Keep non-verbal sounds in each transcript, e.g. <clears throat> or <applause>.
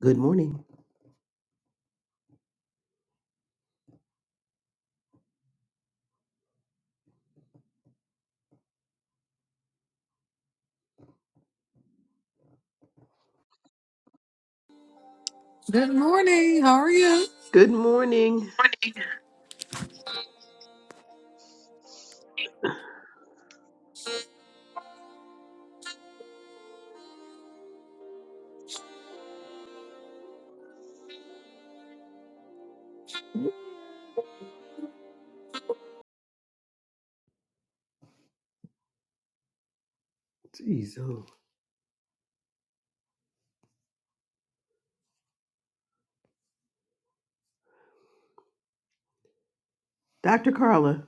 Good morning. Good morning. How are you? Good morning. Jeez, oh. Dr. Carla.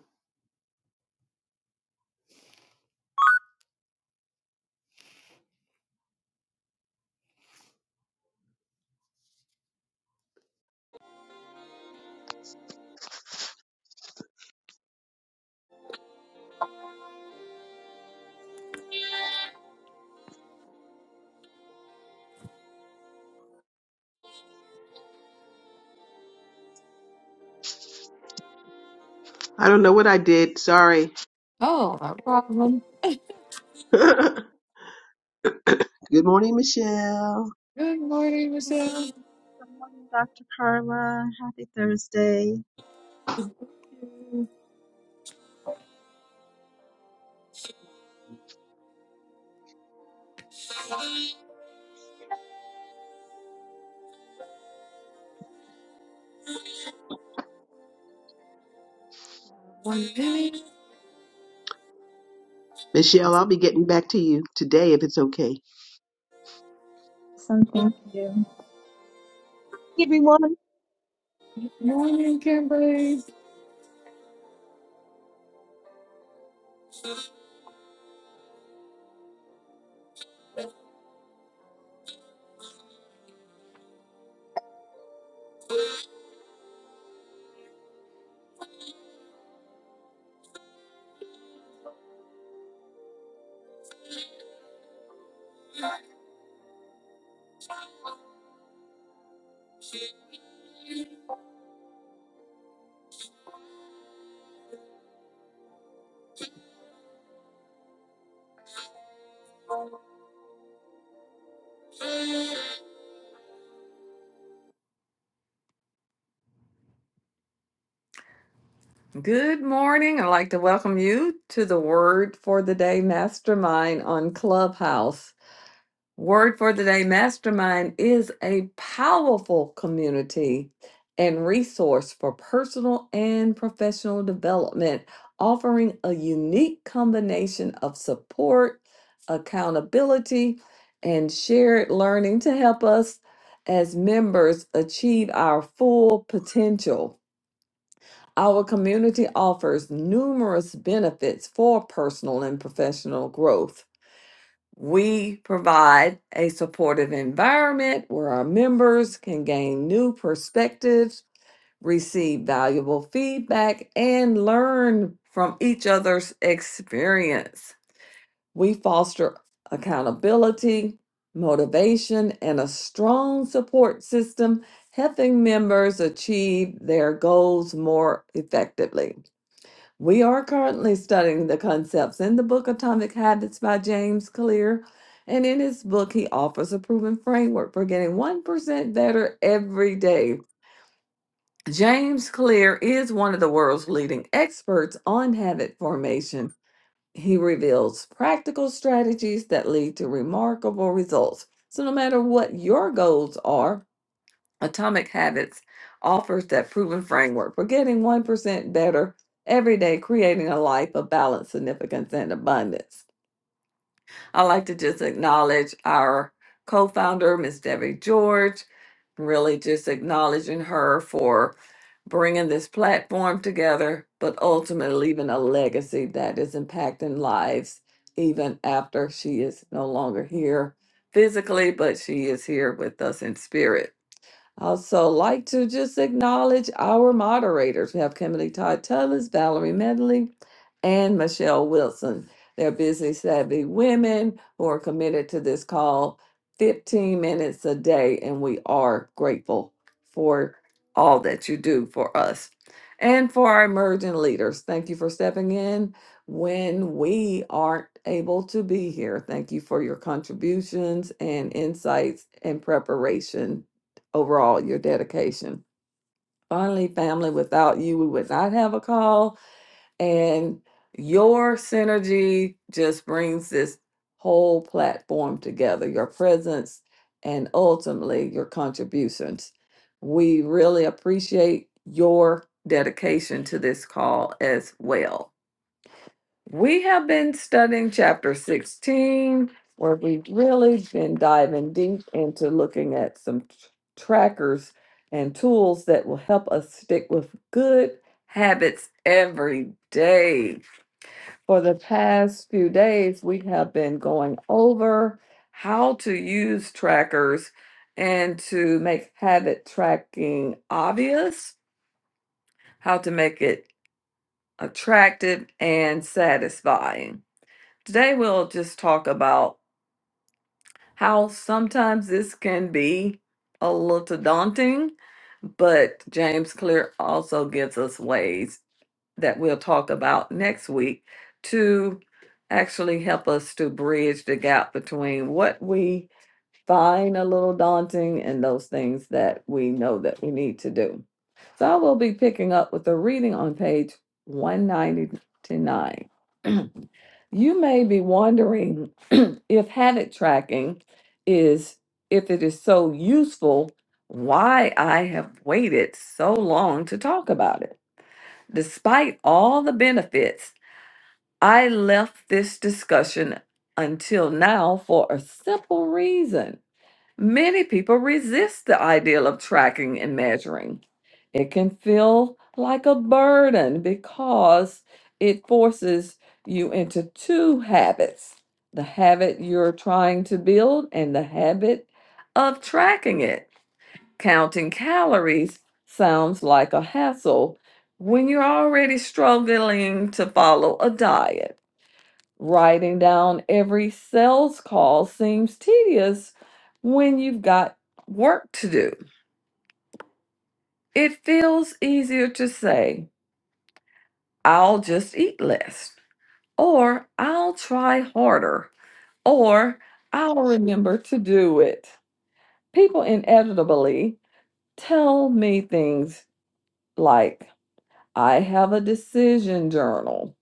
I don't know what I did. Sorry. Oh, no problem. <laughs> Good morning, Michelle. Good morning, Morning, Michelle. good morning, Dr. Carla. Happy Thursday. One minute. Michelle, I'll be getting back to you today if it's okay. Awesome, thank you. everyone. Morning, Kimberly. Good morning. I'd like to welcome you to the Word for the Day Mastermind on Clubhouse. Word for the day: Mastermind is a powerful community and resource for personal and professional development, offering a unique combination of support, accountability, and shared learning to help us as members achieve our full potential. Our community offers numerous benefits for personal and professional growth we provide a supportive environment where our members can gain new perspectives, receive valuable feedback, and learn from each other's experience. We foster accountability, motivation, and a strong support system, helping members achieve their goals more effectively. We are currently studying the concepts in the book Atomic Habits by James Clear. And in his book, he offers a proven framework for getting 1% better every day. James Clear is one of the world's leading experts on habit formation. He reveals practical strategies that lead to remarkable results. So, no matter what your goals are, Atomic Habits offers that proven framework for getting 1% better every day, creating a life of balance, significance, and abundance. I'd like to just acknowledge our co founder, Ms. Debbie George, really just acknowledging her for bringing this platform together, but ultimately leaving a legacy that is impacting lives even after she is no longer here physically, but she is here with us in spirit. Also, like to just acknowledge our moderators. We have Kimberly Todd Tullis, Valerie Medley, and Michelle Wilson. They're busy, savvy women who are committed to this call 15 minutes a day, and we are grateful for all that you do for us. And for our emerging leaders, thank you for stepping in when we aren't able to be here. Thank you for your contributions and insights and preparation overall your dedication. Finally, family, without you, we would not have a call. And your synergy just brings this whole platform together your presence and ultimately your contributions. We really appreciate your dedication to this call as well. We have been studying chapter 16, where we've really been diving deep into looking at some t- trackers and tools that will help us stick with good habits every day. For the past few days, we have been going over how to use trackers and to make habit tracking obvious, how to make it attractive and satisfying. Today, we'll just talk about how sometimes this can be a little daunting, but James Clear also gives us ways that we'll talk about next week to actually help us to bridge the gap between what we find a little daunting and those things that we know that we need to do. So I will be picking up with the reading on page 199. <clears throat> you may be wondering <clears throat> if habit tracking is if it is so useful why I have waited so long to talk about it. Despite all the benefits, I left this discussion until now for a simple reason. Many people resist the ideal of tracking and measuring. It can feel like a burden because it forces you into two habits the habit you're trying to build and the habit of tracking it. Counting calories sounds like a hassle when you're already struggling to follow a diet. Writing down every sales call seems tedious when you've got work to do. It feels easier to say, I'll just eat less, or I'll try harder, or I'll remember to do it. People inevitably tell me things like, I have a decision journal,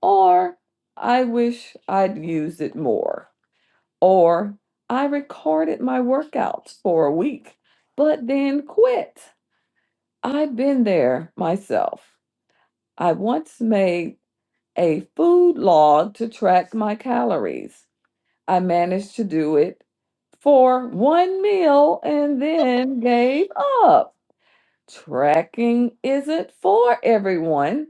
or I wish I'd used it more. Or I recorded my workouts for a week, but then quit. I've been there myself. I once made a food log to track my calories. I managed to do it for one meal and then gave up. Tracking isn't for everyone,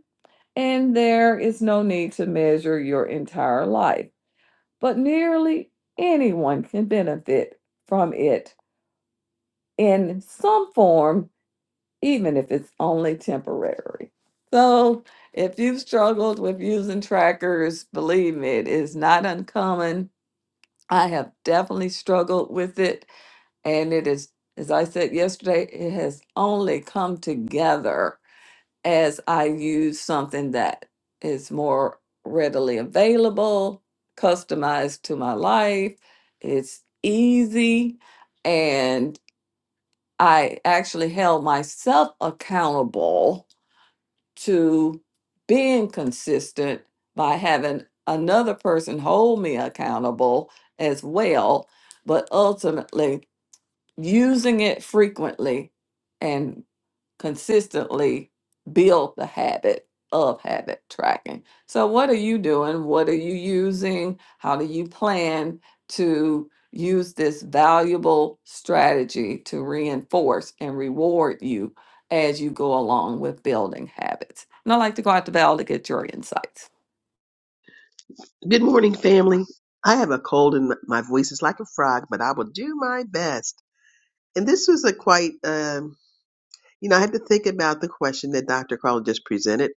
and there is no need to measure your entire life, but nearly anyone can benefit from it in some form, even if it's only temporary. So if you've struggled with using trackers, believe me, it is not uncommon. I have definitely struggled with it. And it is, as I said yesterday, it has only come together as I use something that is more readily available, customized to my life. It's easy. And I actually held myself accountable to being consistent by having another person hold me accountable as well, but ultimately using it frequently and consistently build the habit of habit tracking. So, what are you doing? What are you using? How do you plan to use this valuable strategy to reinforce and reward you as you go along with building habits? And I'd like to go out to Val to get your insights. Good morning, family. I have a cold and my voice is like a frog, but I will do my best. And this was a quite, um, you know, I had to think about the question that Dr. Carla just presented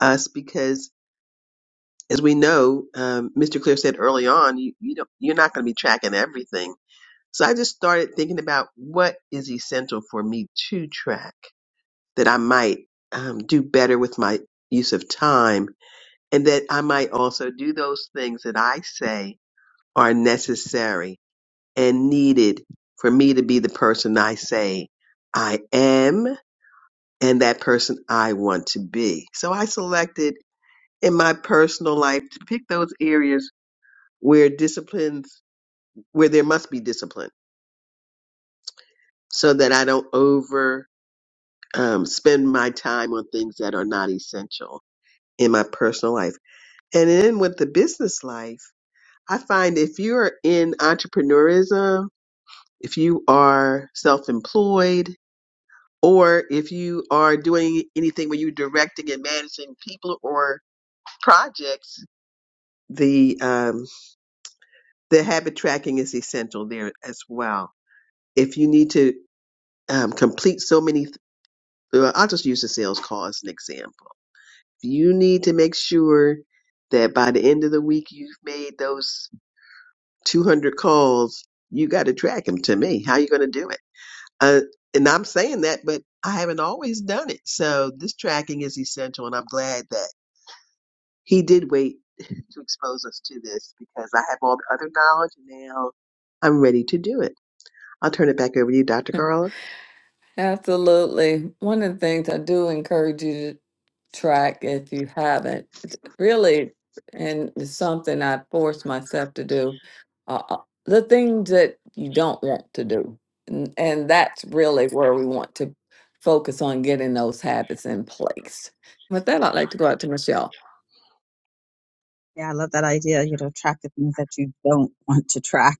us because, as we know, um, Mr. Clear said early on, you, you don't, you're not going to be tracking everything. So I just started thinking about what is essential for me to track that I might um, do better with my use of time and that I might also do those things that I say are necessary and needed for me to be the person I say I am and that person I want to be. So I selected in my personal life to pick those areas where disciplines, where there must be discipline so that I don't over um, spend my time on things that are not essential in my personal life. And then with the business life, I find if you're in entrepreneurism, if you are self employed, or if you are doing anything where you're directing and managing people or projects, the um, the habit tracking is essential there as well. If you need to um, complete so many, th- I'll just use the sales call as an example you need to make sure that by the end of the week you've made those 200 calls you got to track them to me how you going to do it uh, and i'm saying that but i haven't always done it so this tracking is essential and i'm glad that he did wait <laughs> to expose us to this because i have all the other knowledge and now i'm ready to do it i'll turn it back over to you dr carla Absolutely. One of the things I do encourage you to track if you haven't, it's really, and it's something I force myself to do, uh, uh, the things that you don't want to do. And, and that's really where we want to focus on getting those habits in place. With that, I'd like to go out to Michelle. Yeah, I love that idea. You know, track the things that you don't want to track.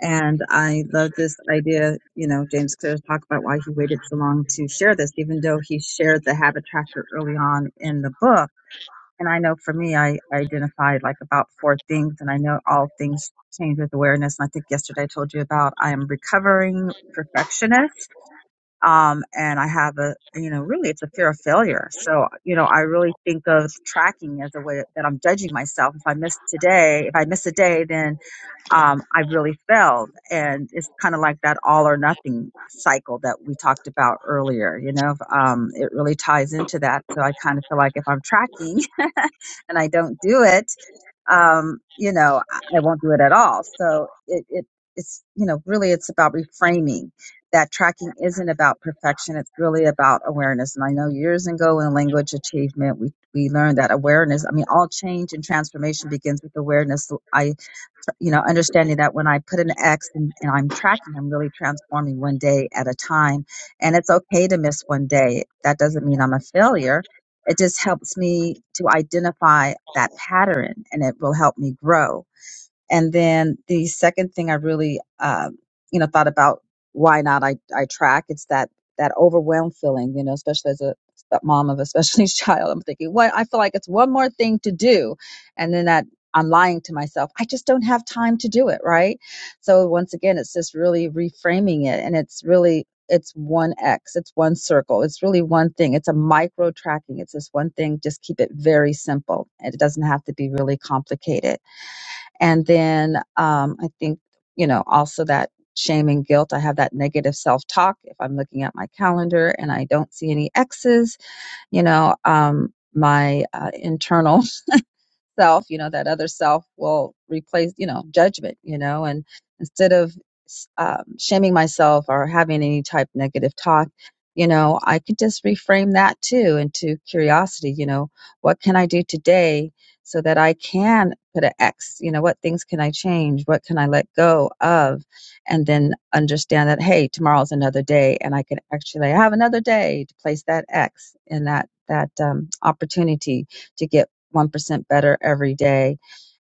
And I love this idea. You know, James Clear talked about why he waited so long to share this, even though he shared the habit tracker early on in the book. And I know for me, I I identified like about four things, and I know all things change with awareness. And I think yesterday I told you about I am recovering perfectionist um, and I have a you know really it's a fear of failure. So you know I really think of tracking as a way that I'm judging myself. If I miss today, if I miss a day, then um, I've really failed. And it's kind of like that all or nothing cycle that we talked about earlier. You know, um, it really ties into that. So I kind of feel like if I'm tracking <laughs> and I don't do it, um, you know, I I won't do it at all. So it, it, it's, you know, really it's about reframing that tracking isn't about perfection. It's really about awareness. And I know years ago in language achievement, we, we learned that awareness, I mean, all change and transformation begins with awareness. So I you know, understanding that when I put an X and, and I'm tracking, I'm really transforming one day at a time. And it's okay to miss one day. That doesn't mean I'm a failure. It just helps me to identify that pattern and it will help me grow. And then the second thing I really, um, you know, thought about why not I, I track. It's that that overwhelmed feeling, you know, especially as a mom of a special needs <laughs> child. I'm thinking, what I feel like it's one more thing to do, and then that I'm lying to myself. I just don't have time to do it, right? So once again, it's just really reframing it, and it's really it's one X, it's one circle, it's really one thing. It's a micro tracking. It's this one thing. Just keep it very simple, and it doesn't have to be really complicated and then um, I think, you know, also that shame and guilt. I have that negative self talk. If I'm looking at my calendar and I don't see any X's, you know, um, my uh, internal self you know that other self will replace you know judgment you know and instead of um, shaming myself or having any type of negative talk you know i could just reframe that too into curiosity you know what can i do today so that i can put an x you know what things can i change what can i let go of and then understand that hey tomorrow's another day and i can actually have another day to place that x in that that um, opportunity to get 1% better every day.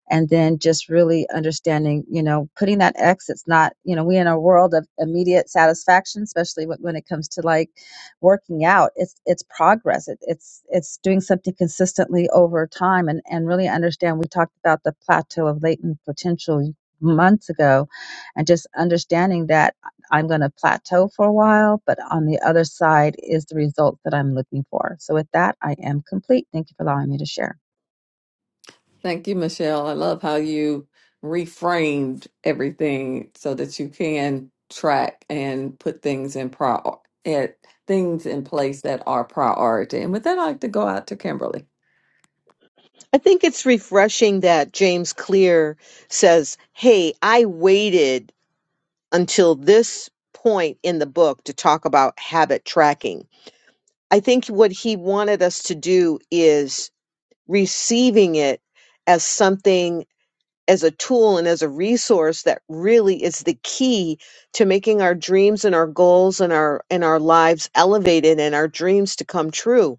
And then just really understanding, you know, putting that X, it's not, you know, we in a world of immediate satisfaction, especially when when it comes to like working out, it's, it's progress. It, it's, it's doing something consistently over time and, and really understand. We talked about the plateau of latent potential months ago and just understanding that I'm going to plateau for a while, but on the other side is the result that I'm looking for. So with that, I am complete. Thank you for allowing me to share. Thank you, Michelle. I love how you reframed everything so that you can track and put things in prior at things in place that are priority. And with that, I'd like to go out to Kimberly. I think it's refreshing that James Clear says, Hey, I waited until this point in the book to talk about habit tracking. I think what he wanted us to do is receiving it as something, as a tool and as a resource that really is the key to making our dreams and our goals and our and our lives elevated and our dreams to come true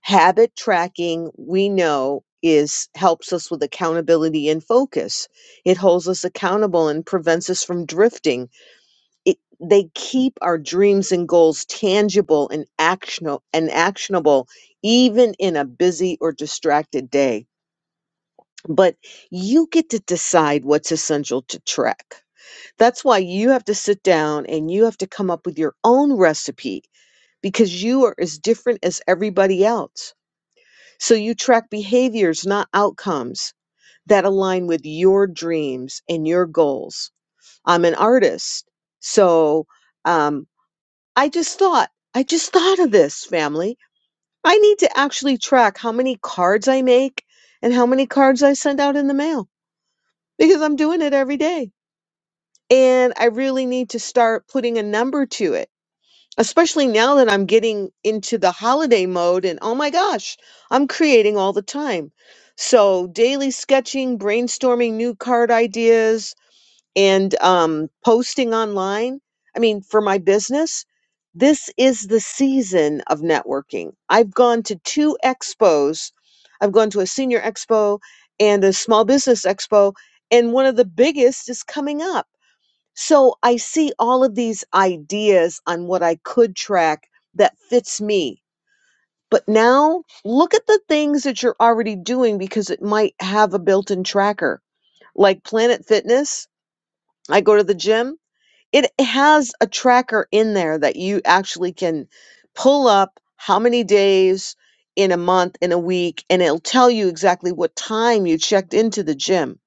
habit tracking we know is helps us with accountability and focus it holds us accountable and prevents us from drifting it, they keep our dreams and goals tangible and actionable and actionable even in a busy or distracted day but you get to decide what's essential to track that's why you have to sit down and you have to come up with your own recipe because you are as different as everybody else so you track behaviors, not outcomes that align with your dreams and your goals. I'm an artist. So um, I just thought, I just thought of this family. I need to actually track how many cards I make and how many cards I send out in the mail because I'm doing it every day. And I really need to start putting a number to it especially now that I'm getting into the holiday mode and oh my gosh, I'm creating all the time. So, daily sketching, brainstorming new card ideas, and um, posting online. I mean, for my business, this is the season of networking. I've gone to two expos, I've gone to a senior expo and a small business expo, and one of the biggest is coming up. So I see all of these ideas on what I could track that fits me. But now look at the things that you're already doing because it might have a built in tracker. Like Planet Fitness, I go to the gym, it has a tracker in there that you actually can pull up how many days in a month, in a week, and it'll tell you exactly what time you checked into the gym.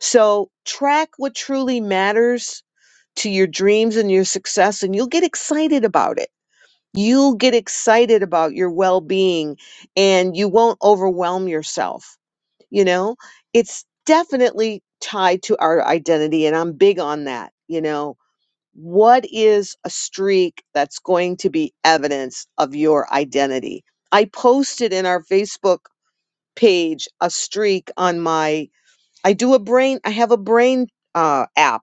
So track what truly matters to your dreams and your success and you'll get excited about it. You'll get excited about your well-being and you won't overwhelm yourself, you know? It's definitely tied to our identity and I'm big on that, you know. What is a streak that's going to be evidence of your identity? I posted in our Facebook page a streak on my I do a brain I have a brain uh app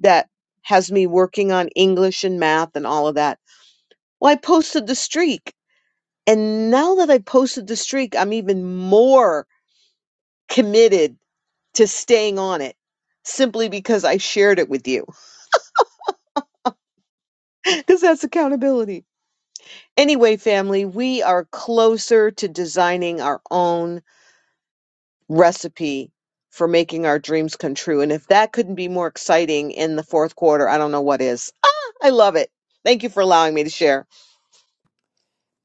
that has me working on English and math and all of that. Well, I posted the streak. And now that I posted the streak, I'm even more committed to staying on it simply because I shared it with you, <laughs> because that's accountability. Anyway, family, we are closer to designing our own recipe for making our dreams come true. And if that couldn't be more exciting in the fourth quarter, I don't know what is. Ah, I love it. Thank you for allowing me to share.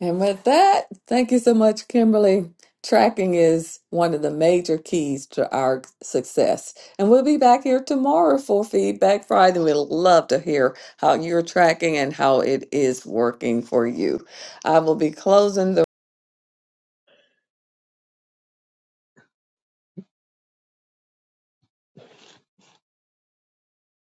And with that, thank you so much, Kimberly. Tracking is one of the major keys to our success. And we'll be back here tomorrow for Feedback Friday. We'd love to hear how you're tracking and how it is working for you. I will be closing the